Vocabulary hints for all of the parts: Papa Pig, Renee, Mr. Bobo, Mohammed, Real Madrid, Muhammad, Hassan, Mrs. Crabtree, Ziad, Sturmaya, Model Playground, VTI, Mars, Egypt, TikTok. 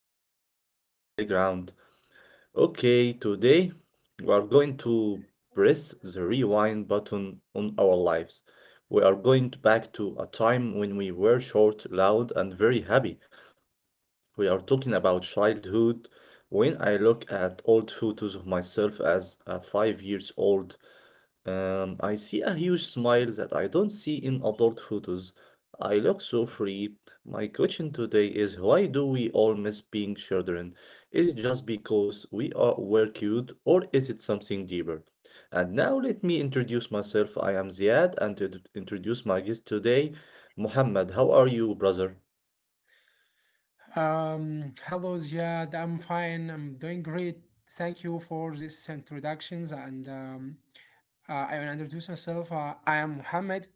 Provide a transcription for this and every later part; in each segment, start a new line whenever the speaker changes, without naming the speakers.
back to the Model Playground. Okay, today we are going to press the rewind button on our lives. We are going to back to a time when we were short, loud, and very happy. We are talking about childhood. When I look at old photos of myself as a 5 years old, I see a huge smile that I don't see in adult photos. I look so free. My question today is why do we all miss being children? Is it just because we are were cute or is it something deeper? And now let me introduce myself. I am Ziad, and introduce my guest today, Muhammad. How are you, brother?
Hello, Ziad. I'm fine. I'm doing great. Thank you for these introductions. And I will introduce myself. I am Mohammed.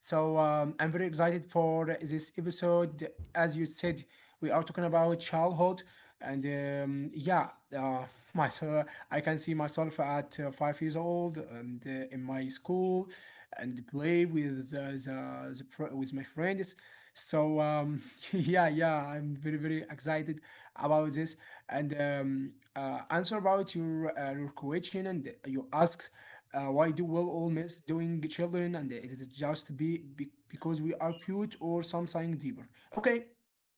I'm very excited for this episode. As you said, we are talking about childhood. And yeah, uh, so I can see myself at 5 years old and in my school and play with with my friends. So um, yeah, I'm very excited about this. And answer about your question, and you ask why do will all miss doing children, and it is just be because we are cute or something deeper. Okay,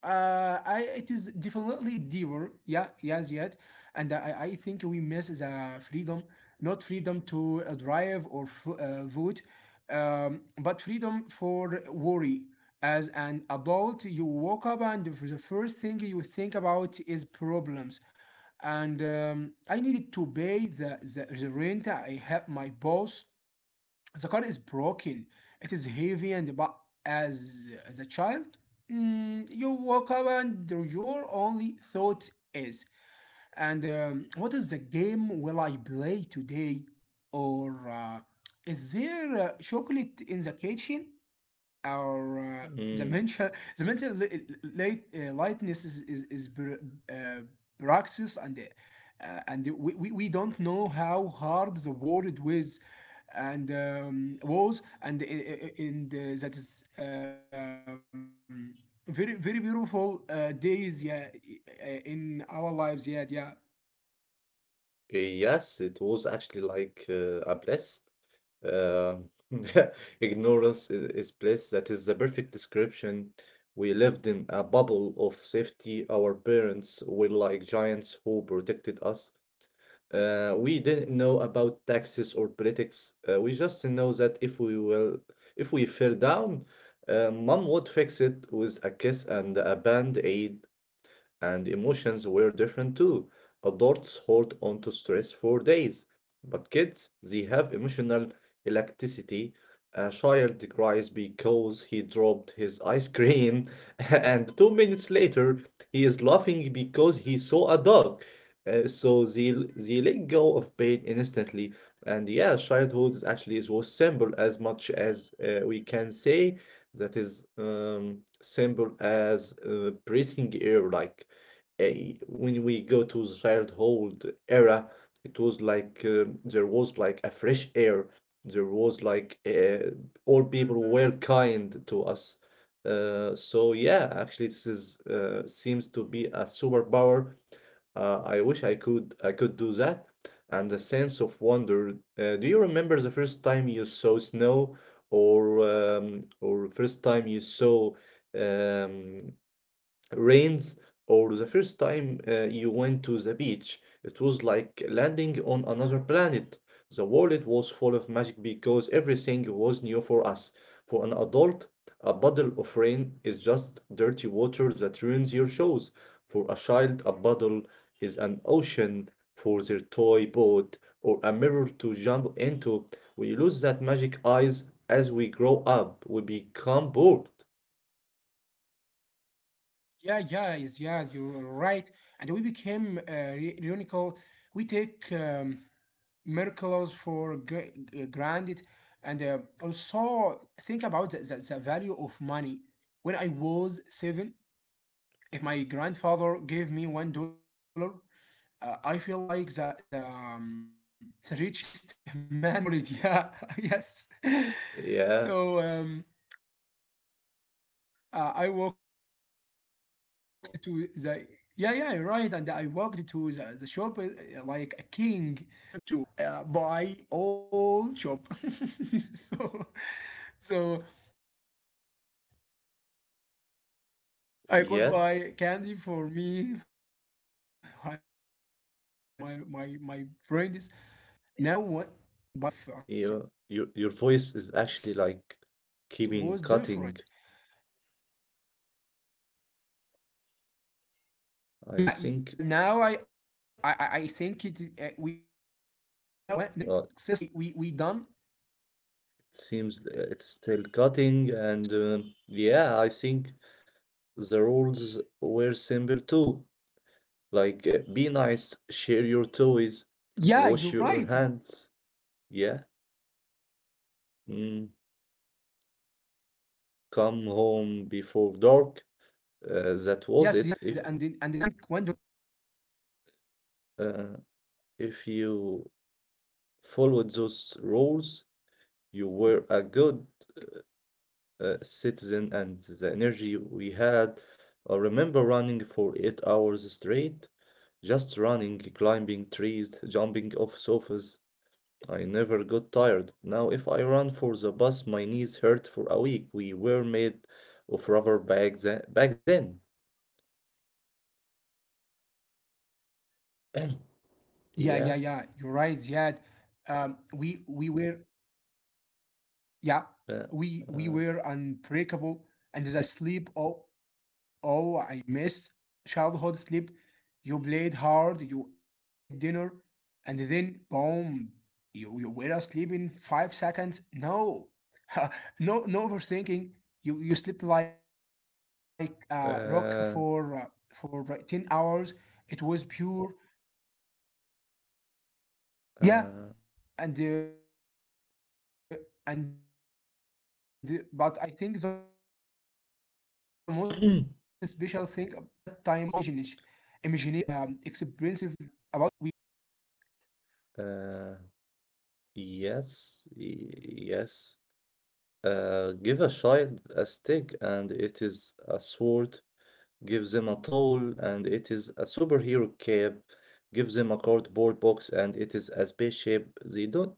it is definitely deeper. Yeah, yes, yet. And I think we miss the freedom, not freedom to drive or f vote, but freedom for worry. As an adult, you woke up and the first thing you think about is problems. And I needed to pay the rent. I help my boss. The car is broken. It is heavy, and but as as a child, you woke up and your only thought is, and what is the game will I play today, or is there chocolate in the kitchen? Our the mental li- light, lightness is uh, practice and we don't know how hard the world was and that is very beautiful days yeah in our lives yeah yeah
Yes, it was actually like a bliss. Um, ignorance is bliss. That is the perfect description. We lived in a bubble of safety. Our parents were like giants who protected us. We didn't know about taxes or politics. We just know that if we will, if we fell down, mom would fix it with a kiss and a band-aid, and emotions were different too. Adults hold on to stress for days, but kids, they have emotional elasticity. A child cries because he dropped his ice cream, and 2 minutes later, he is laughing because he saw a dog. Uh, so they, they let go of pain instantly. And yeah, childhood is actually is was simple as much as we can say that is simple as breathing air. Like, a when we go to the childhood era, it was like there was like a fresh air. There was like all people were kind to us. So yeah, actually, this is seems to be a superpower. I wish I could do that. And the sense of wonder. Do you remember the first time you saw snow, or first time you saw um, rains, or the first time you went to the beach? It was like landing on another planet. The world was full of magic because everything was new for us. For an adult, a bottle of rain is just dirty water that ruins your shoes. For a child, a bottle is an ocean for their toy boat or a mirror to jump into. We lose that magic eyes as we grow up. We become bored.
yeah yeah yes yeah, you're right. And we became ironical. We take miracles for granted. And also think about the value of money. When I was seven, if my grandfather gave me $1, I feel like the richest man in the world. Yeah, yes.
Yeah,
So I walked to the yeah yeah you're right, and I walked to the shop like a king. Oh, Mr. Hassan, I'm coming to you. I wanna buy all shop. So so I could buy candy for me and my
yes.
friends, now what? Now $1 buys nothing, but back then the
Your
scale of
your your voice is
success was
actually like
different.
keeping cutting.
Yeah, yeah. Now I,
I
I, I
think
I think it. We done.
it
Yeah. So, so
seems
um,
it's still cutting, and yeah, I think the rules were simple too. Like, be nice, share your toys,
yeah, you're
wash your
right.
hands. Yeah. Mm.
Yes, yes, yeah.
Come home before
And
dark.
now I think one
That
dollar
was it.
buys nothing.
Uh, if you followed those rules, you were a good citizen, and the energy we had. I remember running for 8 hours straight, just running, climbing trees, jumping off sofas. I never got tired. Now, if I run for the bus, my knees hurt for a week. We were made of rubber back then. Back then,
Yeah, yeah,
yeah.
yeah. You're right, Ziad. We were Yeah,
Uh,
we
uh,
were unbreakable, and the sleep. Oh, oh, I miss childhood sleep. You played hard, you ate dinner, and then boom, you were asleep in 5 seconds. No, no, no overthinking. You slept like a rock for uh,
uh,
for uh, 10 hours. It was pure. Yeah,
uh,
and uh, and but I think the most special thing about that time was our imagination imaginations we didn't need expensive and we could turn anything
uh, yes. Give a child a stick and it is a sword. Gives him a towel and it is a superhero cap, gives him a cardboard box and it is a spaceship. They don't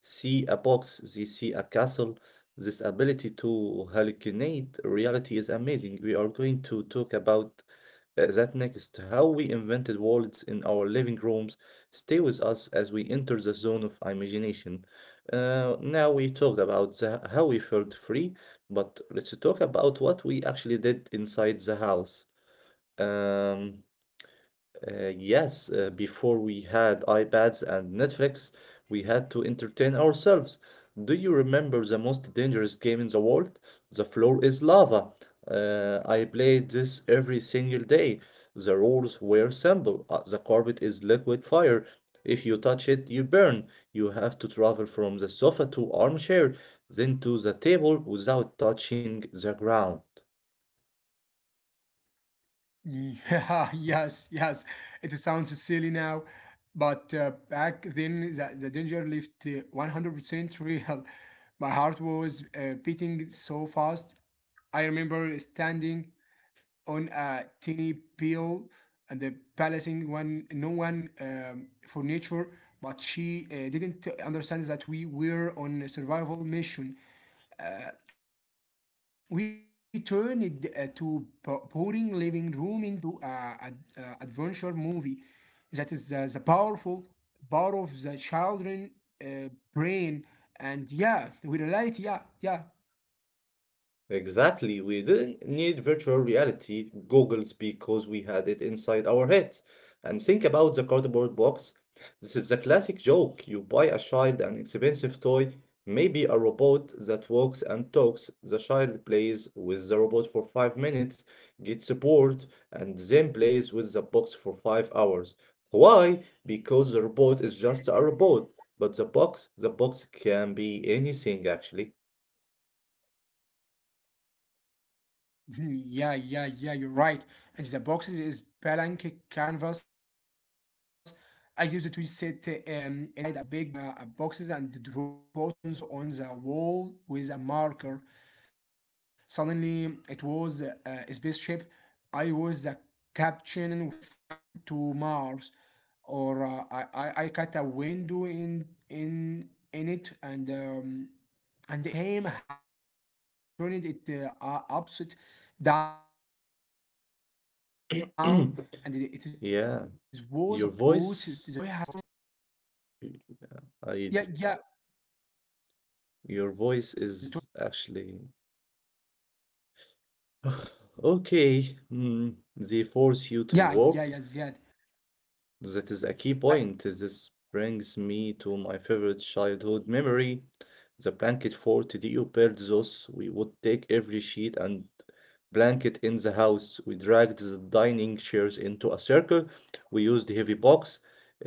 see a box, they see a castle. This ability to hallucinate reality is amazing. We are going to talk about that next, how we invented worlds in our living rooms. Stay with us as we enter the zone of imagination. Now we talked about the, how we felt free, but let's talk about what we actually did inside the house. Um, yes. Before we had iPads and Netflix, we had to entertain ourselves. Do you remember the most dangerous game in the world? The floor is lava. I played this every single day. The rules were simple. The carpet is liquid fire. If you touch it, you burn. You have to travel from the sofa to armchair, then to the table without touching the ground.
yeah. Yes, yes, it sounds silly now, but back then the danger left 100% real. My heart was beating so fast. I remember standing on a tiny pile and the balancing one no one furniture, but she didn't understand that we were on a survival mission. We turned it boring living room into a adventure movie. That is the powerful part of the children uh, brain. And yeah we reality yeah yeah.
Exactly. We didn't need virtual reality goggles because we had it inside our heads. And think about the cardboard box. This is the classic joke. You buy a child an expensive toy, maybe a robot that walks and talks. The child plays with the robot for 5 minutes, gets bored, and then plays with the box for 5 hours. Why? Because the robot is just a robot. But the box can be anything actually.
Mhm. Yeah, yeah, yeah, you're right. And the box is blank canvas. I use it to sit inside a big boxes and draw buttons on the wall with a marker. Suddenly, it was a spaceship. I was the captain flying to Mars, or I cut a window in it, and it it became a house, or I turned it upside down, and it was a boat. The toy has limits,
Yeah.
so
Your
the box has
voice,
no limit.
I
Yeah, yeah,
your voice is actually okay. Mm. They force you
yeah,
to
yeah, yeah,
work.
Ziad.
That is a key
I,
point. This brings me to my favorite childhood memory, the blanket fort. Do you build those? We would take every sheet and blanket in the house. We dragged the dining chairs into a circle. We used heavy box,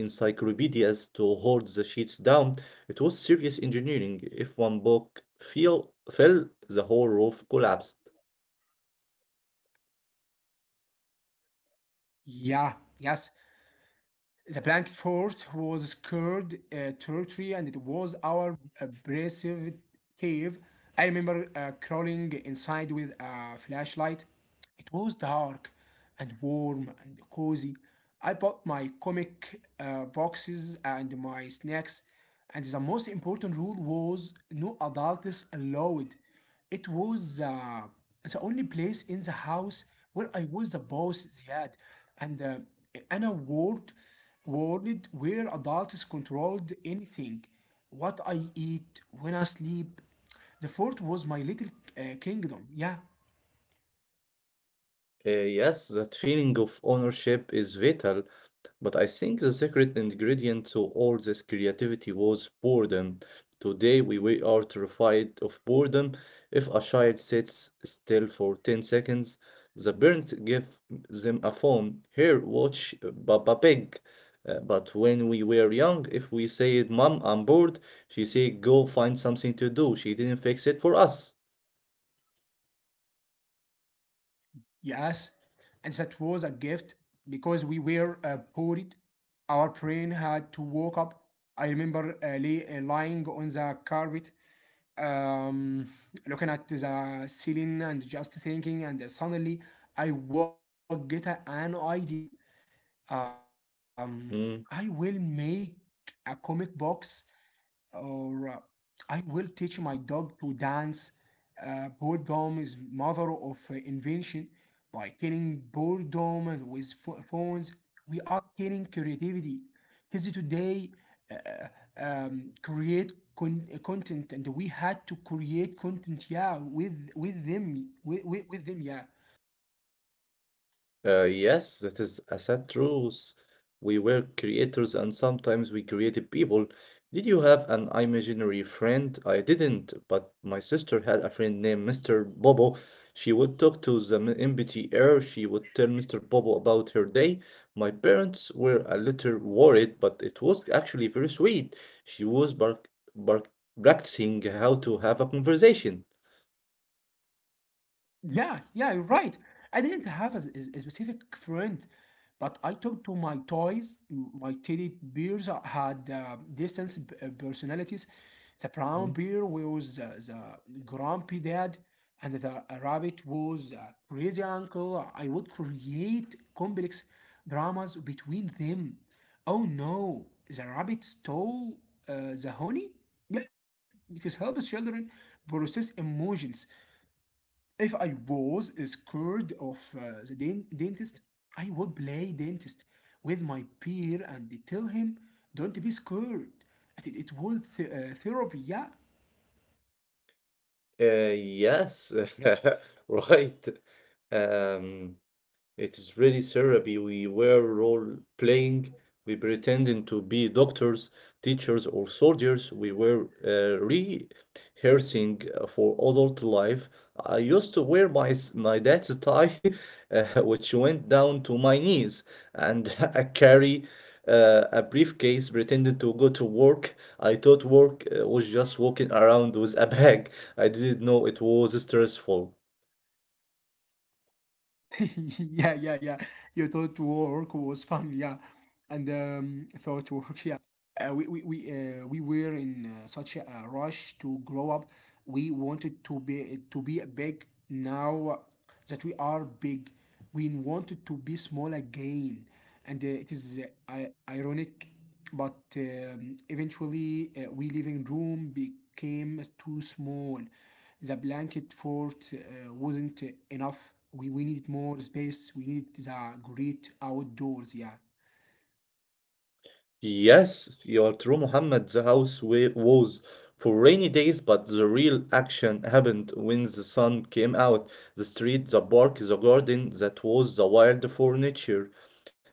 encyclopedias to hold the sheets down. It was serious engineering. If one book fell, the whole roof collapsed.
yeah, yes. The blanket fort was scared territory, and it was our abrasive cave. I remember crawling inside with a flashlight. It was dark and warm and cozy. I bought my comic boxes and my snacks, and the most important rule was no adults allowed. It was the only place in the house where I was the boss, Ziad. And Anna world, world where adults controlled anything. What I eat, when I sleep. The fort was my little kingdom. Yeah,
Yes, that feeling of ownership is vital. But I think the secret ingredient to all this creativity was boredom. Today, we are terrified of boredom. If a child sits still for 10 seconds, the parent give them a phone. Here, watch Papa Pig. But when we were young, if we said, "Mom, I'm bored," she said, "Go find something to do." She didn't fix it for us.
yes. And that was a gift because we were poor. Our brain had to wake up. I remember lying on the carpet, um, looking at the ceiling and just thinking, and suddenly I will get an idea. Um, I will
Mm.
make a comic box, or I will teach my dog to dance. Boredom is mother of invention. By killing boredom with phones, we are killing creativity. Kids today uh, uh, create content, and we had to create content, yeah, with them, yeah.
Yes, that is a sad truth. We were creators, and sometimes we created people. Did you have an imaginary friend? I didn't, but my sister had a friend named Mr. Bobo. She would talk to the empty air. She would tell Mr. Bobo about her day. My parents were a little worried, but it was actually very sweet. She was bar bar practicing how to have a conversation.
Yeah, yeah, you're right. I didn't have a specific friend, but I talked to my toys. My teddy bears had personalities. The brown bear was the grumpy dad, and the rabbit was a crazy uncle. I would create complex dramas between them. Oh no, the rabbit stole the honey? Yeah, because helps children process emotions. If I was scared of dentist, I would play dentist with my peer and tell him, don't be scared. And it was therapy, yeah?
Uh, yes, right. Um, it's really therapy. We were role playing. We pretended to be doctors, teachers, or soldiers. We were rehearsing for adult life. I used to wear my dad's tie, which went down to my knees, and I carry a briefcase pretending to go to work. I thought work was just walking around with a bag. I didn't know it was stressful.
Yeah, yeah, yeah. You thought work was fun, yeah. And thought work, yeah. We were in such a rush to grow up. We wanted to be big. Now that we are big, we wanted to be small again, and it is ironic. But eventually, we living room became too small. The blanket fort wasn't enough. We needed more space. We needed the great outdoors. Yeah.
Yes, you're true, Muhammad. The house was for rainy days, but the real action happened when the sun came out. The street, the park, the garden, that was the wild furniture.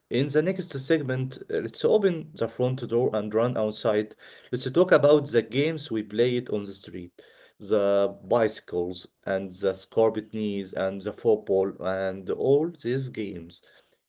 In the next segment, let's open the front door and run outside. Let's talk about the games we played on the street. The bicycles and the scarpet knees and the football and all these games.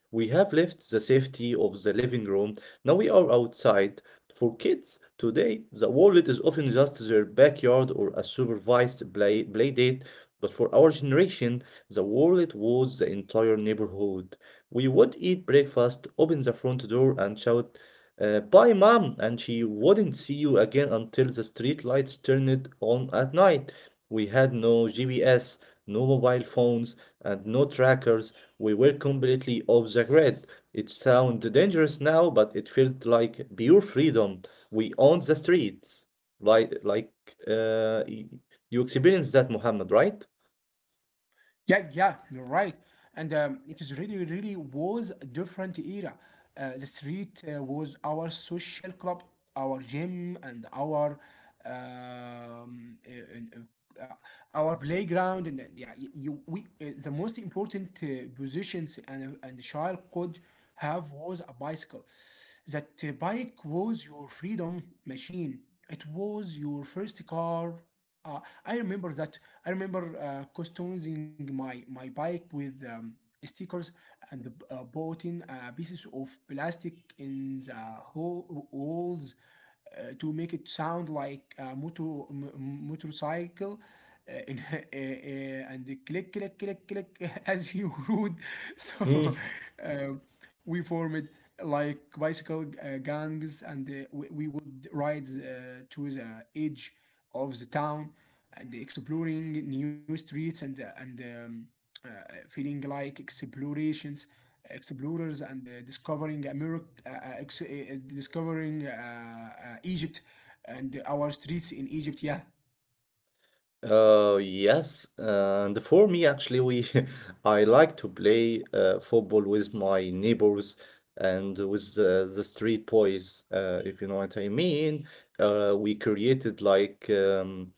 We have left the safety of the living room. Now we are outside. For kids today, the wallet is often just their backyard or a supervised play date. But for our generation, the wallet was the entire neighborhood. We would eat breakfast, open the front door, and shout, "Bye, mom," and she wouldn't see you again until the street lights turned on at night. We had no GPS, no mobile phones, and no trackers. We were completely off the grid. It sounds dangerous now, but it felt like pure freedom. We owned the streets. Like, like uh, y- you experienced that, Muhammad, right?
Yeah, yeah, you're right. And it is really, really was a different era. The street was our social club, our gym, and our um, uh, uh, uh, our playground. And yeah, y- you, we the most important positions and the child could have was a bicycle. That bike was your freedom machine. It was your first car. Uh, I remember that. I remember customizing my bike with stickers and bought pieces of plastic in the holes to make it sound like a motorcycle. And click, click, click, click as you would. So um, we formed like bicycle gangs and we would ride to the edge of the town and exploring new streets and uh, feeling like explorations explorers and discovering America discovering Egypt and our streets in Egypt yeah.
Yes, and for me, actually, we I like to play football with my neighbors and with the street boys, if you know what I mean. We created like um,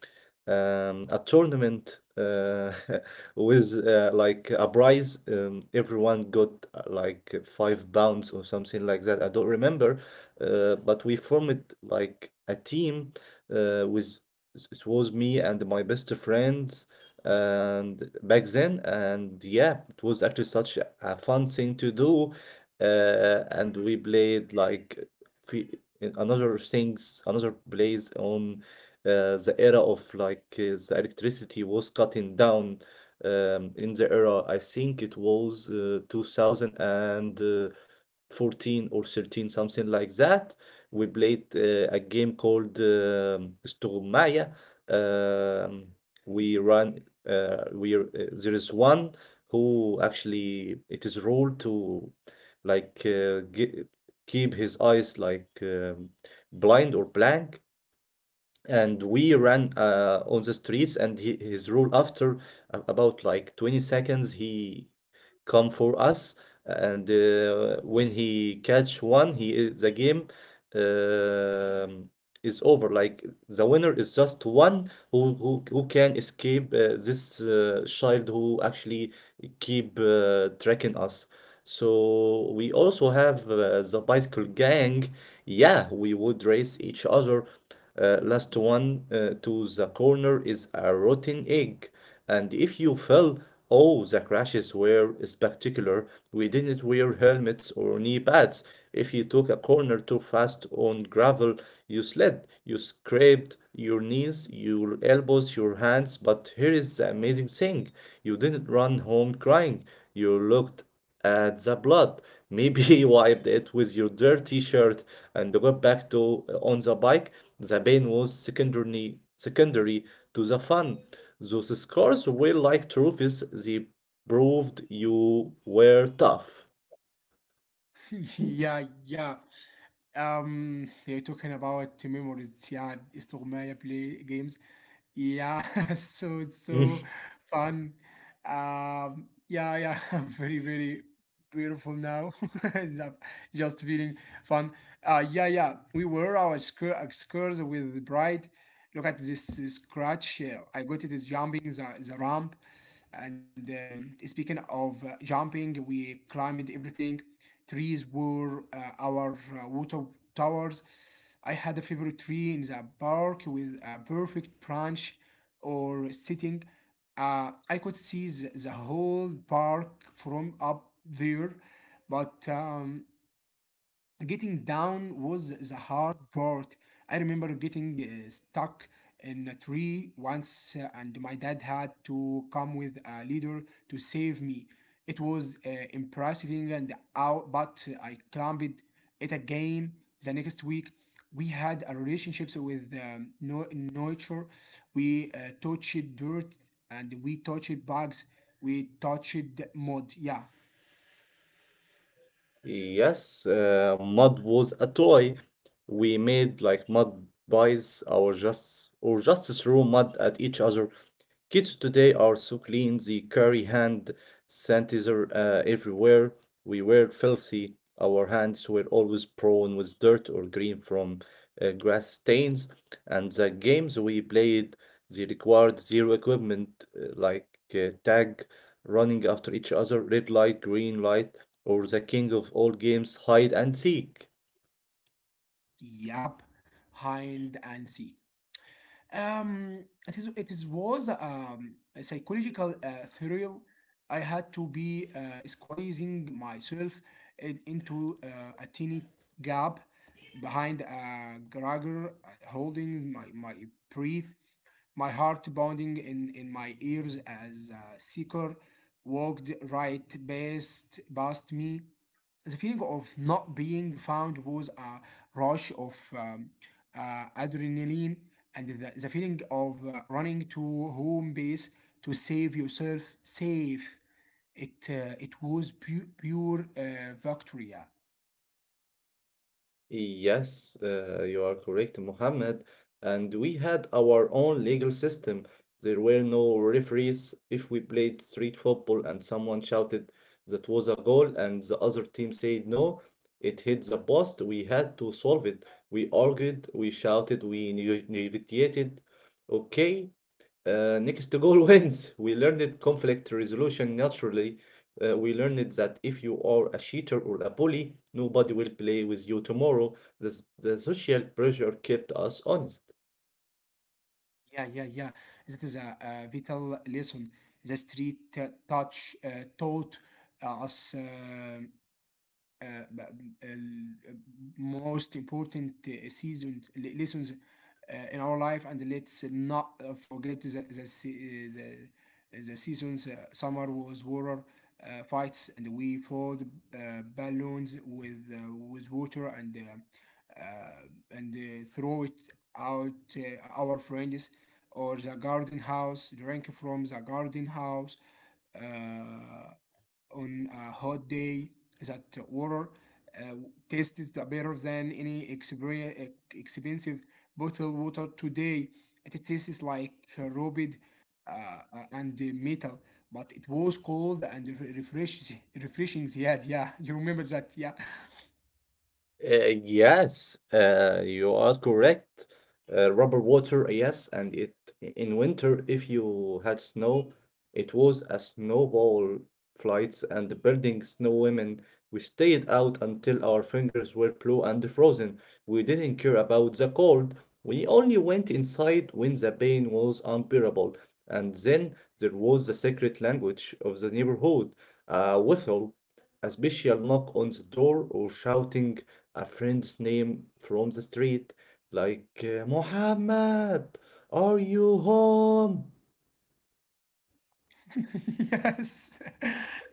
um, a tournament with like a prize. Everyone got like £5 or something like that. I don't remember, but we formed like a team with it was me and my best friends, and back then, and yeah, it was actually such a fun thing to do. And we played like fe- in another things, another plays on the era of, like, the electricity was cutting down. In the era, I think it was 2014 or 13, something like that. We played a game called Sturmaya. Um, we run. We There is one who actually it is ruled to, like, keep his eyes like blind or blank, and we ran on the streets, and he, his rule after about like 20 seconds he come for us. And when he catch one he is- the game um is over. Like, the winner is just one who can escape this child who actually keep tracking us. So we also have the bicycle gang. Yeah, we would race each other. Last one to the corner is a rotten egg. And if you fell, oh, the crashes were spectacular. We didn't wear helmets or knee pads. If you took a corner too fast on gravel, you slid, you scraped your knees, your elbows, your hands. But here is the amazing thing, you didn't run home crying. You looked at the blood. Maybe you wiped it with your dirty shirt and got back to on the bike. The pain was secondary to the fun. Those scars were like trophies. They proved you were tough.
Yeah, yeah. Yeah, you're talking about memories, yeah, استغماية play games, yeah, so it's so
Mm.
fun. Yeah, yeah, very, very beautiful now. Just feeling fun. Yeah, yeah. We wear our skirts with the bright. Look at this, scratch. I got it is jumping the ramp. And speaking of jumping, we climbed everything. Trees were our water towers. I had a favorite tree in the park with a perfect branch or sitting. I could see the whole park from up there, but getting down was the hard part. I remember getting stuck in a tree once, and my dad had to come with a leader to save me. It was impressive and out, but I climbed it again the next week. We had a relationships with nature. We touched dirt and we touched bugs. We touched mud. Yeah,
Yes, mud was a toy. We made like mud pies, or just threw mud at each other. Kids today are so clean, they carry hand sanitizer everywhere. We were filthy, our hands were always prone with dirt or green from grass stains, and the games we played, they required zero equipment like tag, running after each other, red light, green light, or the king of all games, hide and seek.
yep, hide and seek. It is was a psychological thrill. I had to be squeezing myself into a tiny gap behind a garage, holding my breath, my heart pounding in my ears as a seeker walked right past me. The feeling of not being found was a rush of adrenaline and the feeling of running to home base to save yourself safe it it was pure victory. yeah
Yes, you are correct, Mohammed. And we had our own legal system. There were no referees. If we played street football and someone shouted that was a goal and the other team said no, it hit the post, we had to solve it. We argued, we shouted, we negotiated. Okay, next goal wins. We learned conflict resolution naturally. We learned that if you are a cheater or a bully, nobody will play with you tomorrow. The social pressure kept us honest.
yeah yeah yeah That is a vital lesson. The street touch taught us. Uh, ب- ال- Most important seasons lessons in our life. And let's not forget the seasons. Summer was water fights, and we filled uh, balloons with water, and throw it out our friends, or the garden house, drink from the garden house uh, on a hot day. That water uh, tastes better than any expensive bottled water today. It tastes like rubbed uh, and metal, but it was cold and refreshing. Refreshing, yeah, yeah. You remember that, yeah.
Yes, you are correct. Rubber water, yes, and it in winter, if you had snow, it was a snowball flights and the building snow women. We stayed out until our fingers were blue and frozen. We didn't care about the cold. We only went inside when the pain was unbearable. And then there was the secret language of the neighborhood, a whistle, a special knock on the door, or shouting a friend's name from the street, like Muhammad, are you home?
Yes,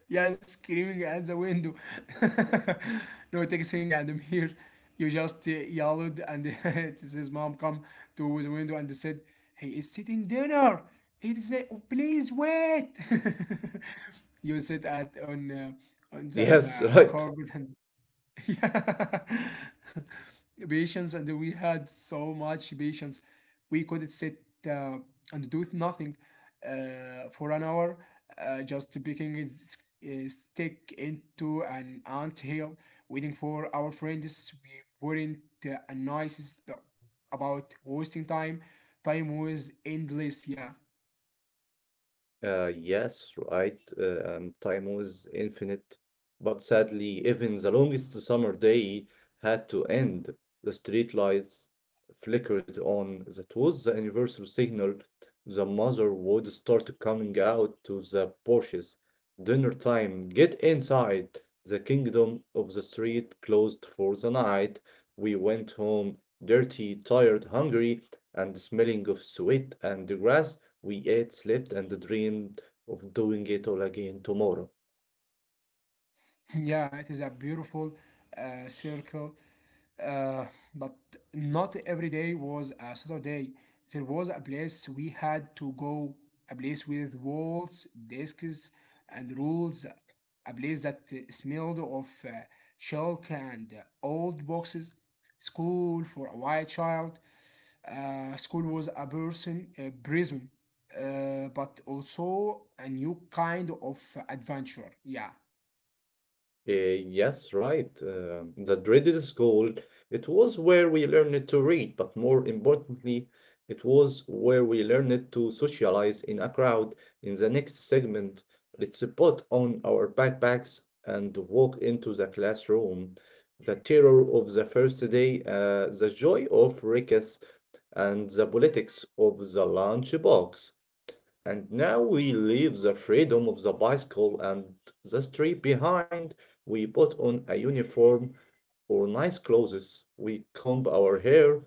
yes, screaming at the window. No texting, and I'm here. You just yelled, and it is his mom come to the window and said, "He is sitting dinner. He said, please wait." You sit at on the
Yes,
the
right.
carpet. Yeah. Patience, and we had so much patience. We couldn't sit and do nothing for an hour, just picking a stick into an ant hill, waiting for our friends. We weren't nice about wasting time. Time was endless, yeah.
Yes, right. Time was infinite, but sadly, even the longest summer day had to end. The street lights flickered on. That was the universal signal. The mother would start coming out to the porches. Dinner time, get inside. The kingdom of the street closed for the night. We went home dirty, tired, hungry, and smelling of sweat and grass. We ate, slept, and dreamed of doing it all again tomorrow.
Yeah, it is a beautiful circle, uh, but not every day was a Saturday. There was a place we had to go, a place with walls, desks, and rules, a place that smelled of chalk and old boxes. School for a white child. School was a person, a prison, but also a new kind of adventure. Yeah.
Yes, right. The dreaded school. It was where we learned to read, but more importantly, it was where we learned to socialize in a crowd. In the next segment, let's put on our backpacks and walk into the classroom. The terror of the first day, the joy of recess, and the politics of the lunchbox. And now we leave the freedom of the bicycle and the street behind. We put on a uniform, or nice clothes. We comb our hair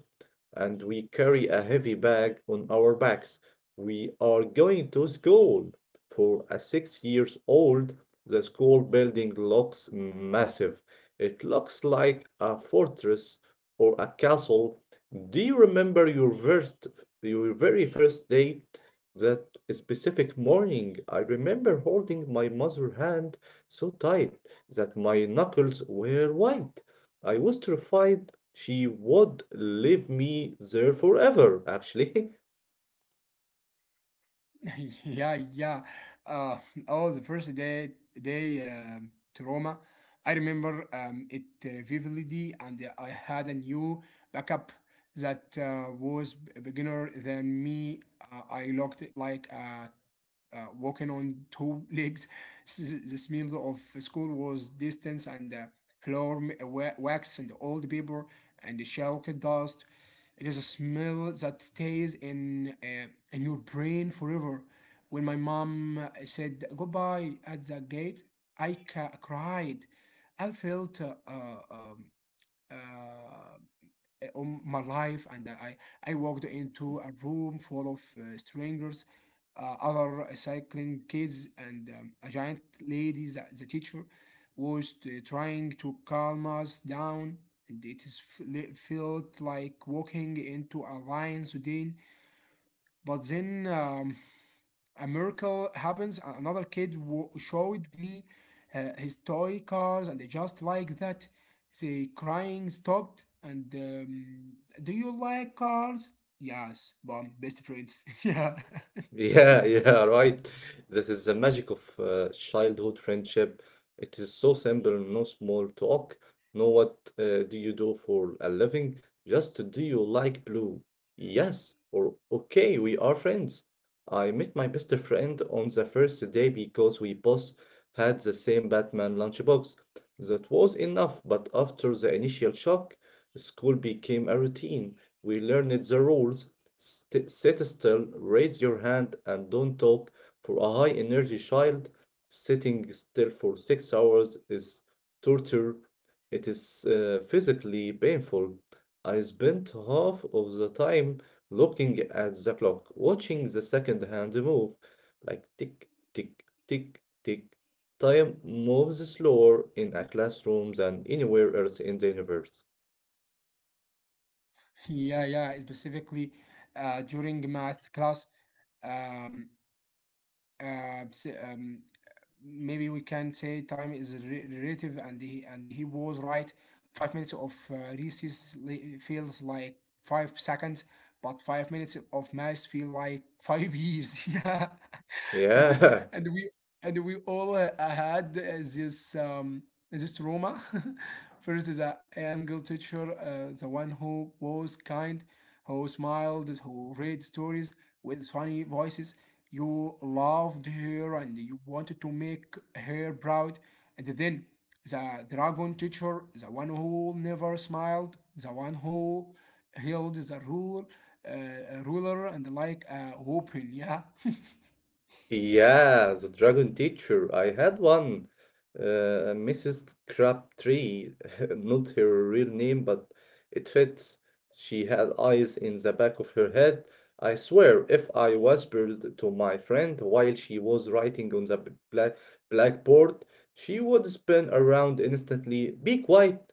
and we carry a heavy bag on our backs. We are going to school. For a 6 years old, the school building looks massive. It looks like a fortress or a castle. Do you remember your your very first day? That specific morning, I remember holding my mother's hand so tight that my knuckles were white. I was terrified she would leave me there forever, actually.
Yeah, yeah. Uh, oh, the first day to Roma, I remember it vividly, and I had a new backup that was beginner than me. I looked like a walking on two legs. The smell of school was distance, and the floor wax and old paper and the chalk dust. It is a smell that stays in your brain forever. When my mom said goodbye at the gate, I cried. I felt uh, on my life, and I walked into a room full of strangers, other cycling kids, and a giant lady, the teacher, was trying to calm us down. And it is felt like walking into a lion's den. But then a miracle happens. Another kid showed me his toy cars, and just like that, the crying stopped. And do you like cars? Yes, mom, best friends. Yeah,
Yeah, yeah, right. This is the magic of childhood friendship. It is so simple, no small talk. No, what do you do for a living? Just do you like blue? Yes, or okay, we are friends. I met my best friend on the first day because we both had the same Batman lunchbox. That was enough, but after the initial shock, school became a routine. We learned the rules, sit still, raise your hand, and don't talk. For a high energy child, sitting still for 6 hours is torture. It is physically painful. I spent half of the time looking at the clock, watching the second hand move, like tick, tick, tick, tick. Time moves slower in a classroom than anywhere else in the universe.
yeah, yeah. Specifically, during math class, um, uh, s- um, maybe we can say time is relative, and he was right. 5 minutes of recess feels like 5 seconds, but 5 minutes of mass feel like 5 years. Yeah. and
Yeah,
and we and we all had this this trauma. First, is a Angel teacher, the one who was kind, who smiled, who read stories with funny voices. You loved her, and you wanted to make her proud. And then the dragon teacher, the one who never smiled, the one who held the ruler, ruler and like a weapon. Yeah.
yeah, the dragon teacher. I had one, Mrs. Crabtree, not her real name, but it fits. She had eyes in the back of her head. I swear, if I whispered to my friend while she was writing on the blackboard, she would spin around instantly. Be quiet,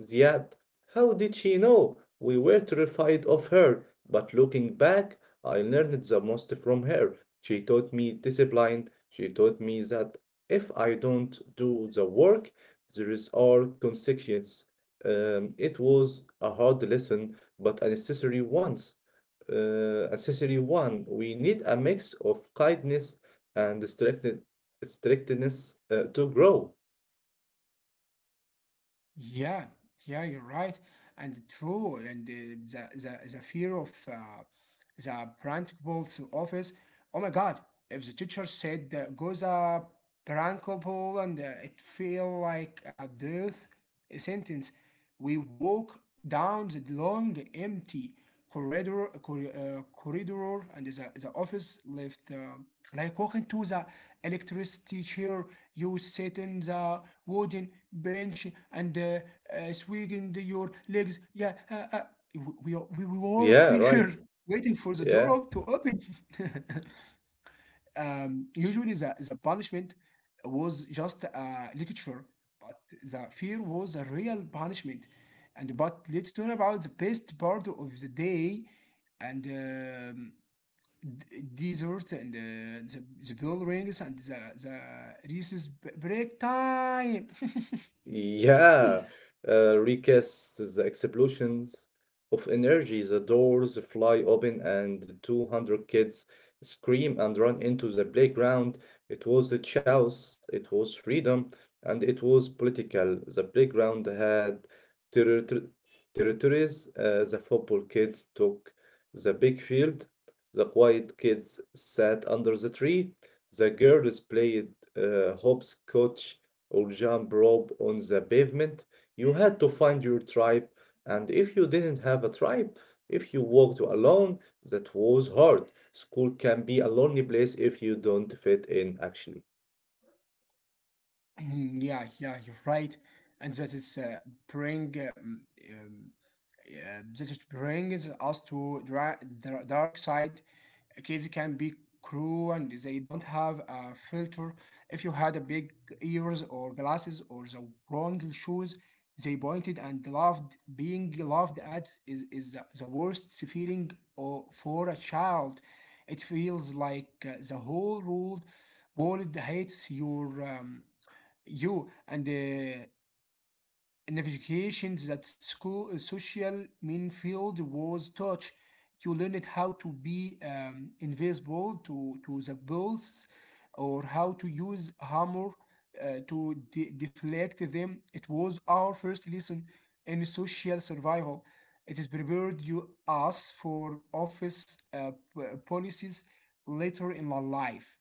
Ziad. How did she know? We were terrified of her, but looking back, I learned the most from her. She taught me discipline. She taught me that if I don't do the work, there is are consequences. It was a hard lesson, but a necessary one. A necessary one. We need a mix of kindness and strictness to grow.
Yeah, yeah, you're right, and true. And the fear of the principal's office. Oh my God! If the teacher said goes a principal, and it feel like a death sentence, we walk down the long empty corridor, and the office left. Like walking to the electricity chair, you sit in the wooden bench and swinging your legs. Yeah, we were
Yeah, right.
fear waiting for the door
Yeah.
to open. Usually, the punishment was just a lecture, but the fear was a real punishment. And but let's talk about the best part of the day, and dessert. And the bell rings, and the recess break time.
Yeah, recasts the explosions of energy. The doors fly open, and 200 kids scream and run into the playground. It was the chaos, it was freedom, and it was political. The playground had territor territories. The football kids took the big field. The quiet kids sat under the tree. The girls played hopscotch or jump rope on the pavement. You had to find your tribe, and if you didn't have a tribe, if you walked alone, that was hard. School can be a lonely place if you don't fit in, actually.
Mhm. Yeah, yeah, you're right. And that is bring um, that is brings us to the dark side. Kids can be cruel, and they don't have a filter. If you had a big ears or glasses or the wrong shoes, they pointed and loved. Being loved at is the worst feeling for a child. It feels like the whole world hates your. You, and navigations that school social main field was touch. You learned how to be invisible to the bullets, or how to use hammer to deflect them. It was our first lesson in social survival. It has prepared you us for office policies later in our life.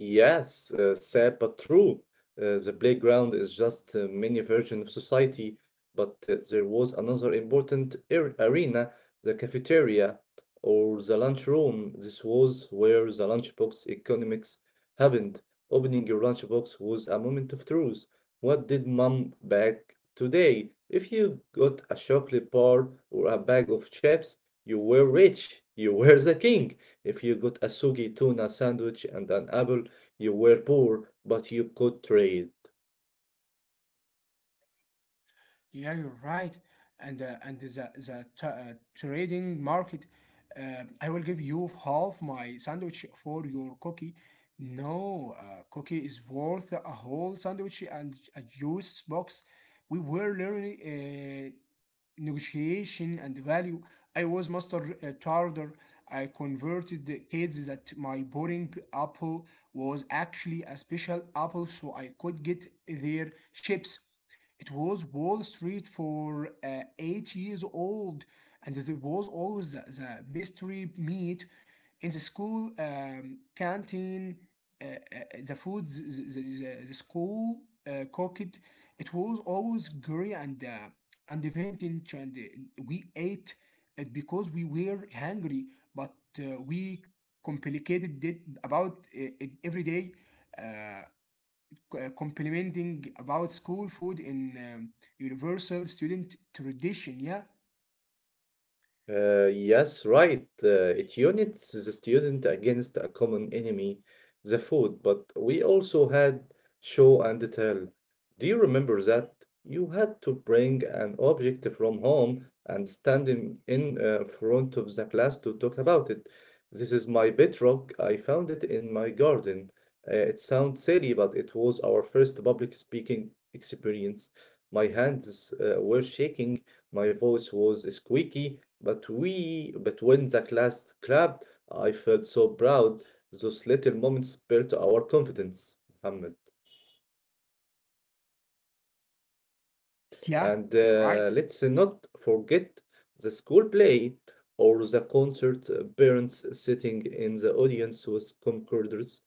Yes, sad but true. The playground is just a mini version of society, but there was another important arena, the cafeteria or the lunchroom. This was where the lunchbox economics happened. Opening your lunchbox was a moment of truth. What did mom bag today? If you got a chocolate bar or a bag of chips, you were rich. You were the king. If you got a sugi tuna sandwich and an apple, you were poor, but you could trade.
Yeah, you're right. And trading market, I will give you half my sandwich for your cookie. No, cookie is worth a whole sandwich and a juice box. We were learning. Negotiation and value. I was master trader. I converted the kids that my boring apple was actually a special apple, so I could get their chips. It was Wall Street for 8 years old. And there was always the mystery meat in the school canteen, uh, uh, the food, school cooked. It was always grey and vintage, and we ate it because we were hungry. But we complicated it about it every day, uh, complimenting about school food in universal student tradition. Yeah,
Yes, right. It units the student against a common enemy, the food. But we also had show and tell. Do you remember that? You had to bring an object from home and stand in front of the class to talk about it. This is my bedrock. I found it in my garden. It sounds silly, but it was our first public speaking experience. My hands were shaking, my voice was squeaky. But when the class clapped, I felt so proud. Those little moments built our confidence, Muhammad.
yeah,
And
you're right.
let's not forget the school play or the concert, parents sitting in the audience with concorders,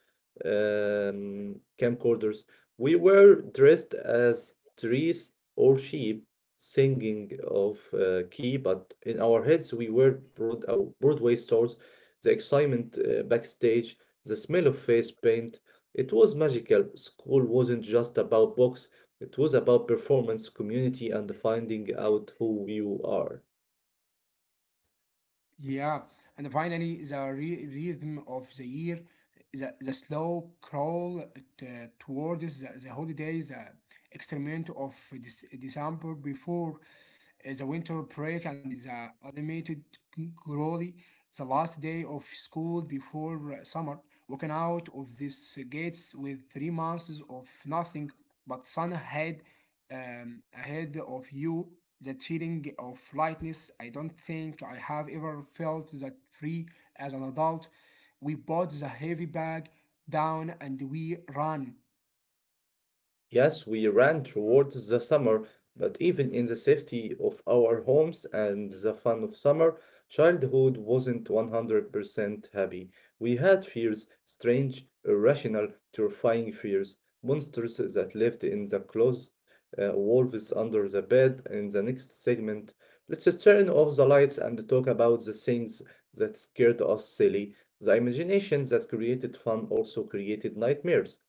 um, camcorders. We were dressed as trees or sheep, singing of key, but in our heads we were Broadway stars. The excitement backstage, the smell of face paint. It was magical. School wasn't just about books, it was about performance, community, and finding out who you are.
Yeah, and finally, the rhythm of the year, the slow crawl t- towards the holiday, the experiment of December before the winter break, and the animated glory, the last day of school before summer, walking out of these gates with 3 months of nothing but sun ahead ahead of you. That feeling of lightness, I don't think I have ever felt that free as an adult. We put the heavy bag down, and we run.
Yes, we ran towards the summer, but even in the safety of our homes and the fun of summer, childhood wasn't 100% happy. We had fears, strange, irrational, terrifying fears, monsters that lived in the closet, wolves under the bed. In the next segment, let's turn off the lights and talk about the things that scared us silly. The imagination that created fun also created nightmares.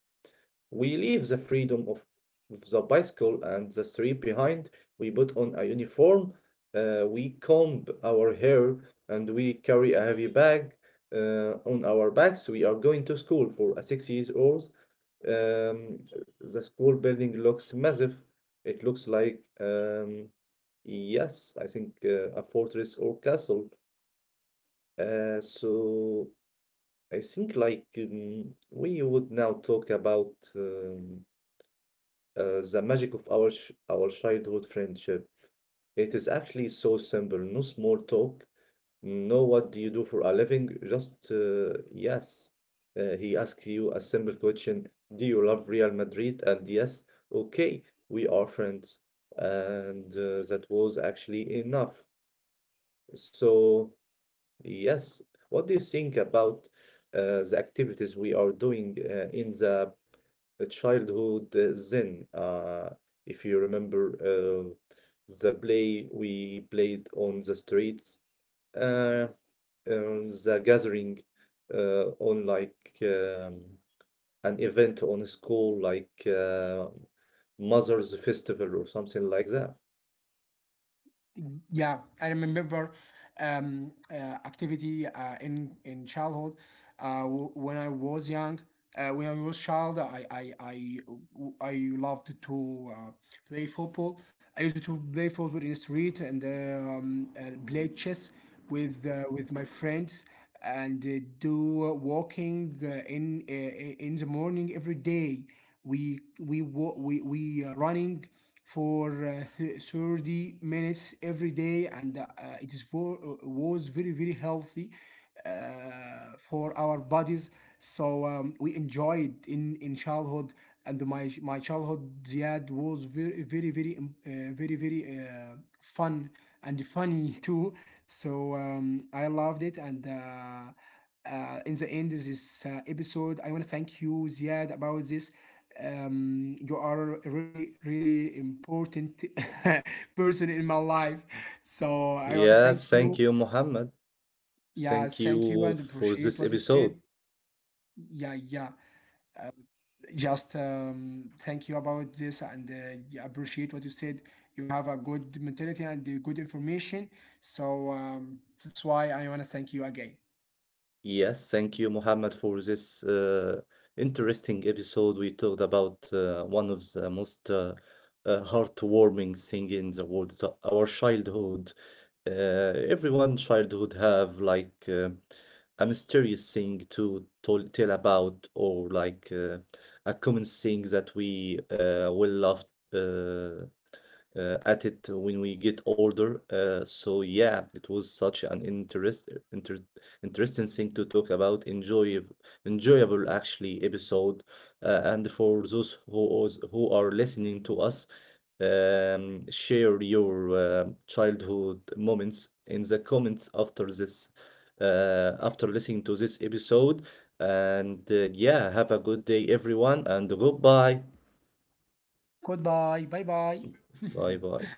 We leave the freedom of the bicycle and the street behind. We put on a uniform, we comb our hair, and we carry a heavy bag on our backs. We are going to school for a 6 years old. Um, the school building looks massive. It looks like, yes, I think a fortress or castle. So I think like we would now talk about the magic of our childhood friendship. It is actually so simple. No small talk. No, what do you do for a living? Just yes. He asks you a simple question. Do you love Real Madrid? And yes, okay, we are friends. And that was actually enough. So yes, what do you think about the activities we are doing in the a childhood zen. If you remember the play we played on the streets, uh, the gathering on like an event on a school, like Mother's Festival or something like that.
Yeah, I remember um, uh, activity in childhood uh, when I was young. When I was child, I loved to play football. I used to play football in the street, and play chess with my friends, and do walking in uh, in the morning every day. We wa- we are running for 30 minutes every day, and it is was very very healthy for our bodies. So we enjoyed in childhood, and my childhood Ziad was very fun and funny too. So I loved it, and in the end of this episode, I want to thank you Ziad about this. You are a really really important person in my life. So I want to
Yes,
thank
thank
you.
you, Mohammed.
Yeah,
Thank
thank you,
you
and
for
appreciate
this
what you
episode.
said. Yeah, yeah. Just thank you about this, and yeah, appreciate what you said. You have a good mentality, and good information. So that's why I want to thank you again.
Yes, thank you, Mohammed, for this interesting episode. We talked about one of the most heartwarming thing in the world, so our childhood. Uh, Everyone childhood have like a mysterious thing to tell about, or like a common thing that we will love uh, at it when we get older. So yeah, it was such an interesting thing to talk about, enjoyable actually episode. And for those who are listening to us, share your childhood moments in the comments after this, after listening to this episode. And yeah, have a good day everyone, and goodbye,
Goodbye. Bye bye.
bye bye.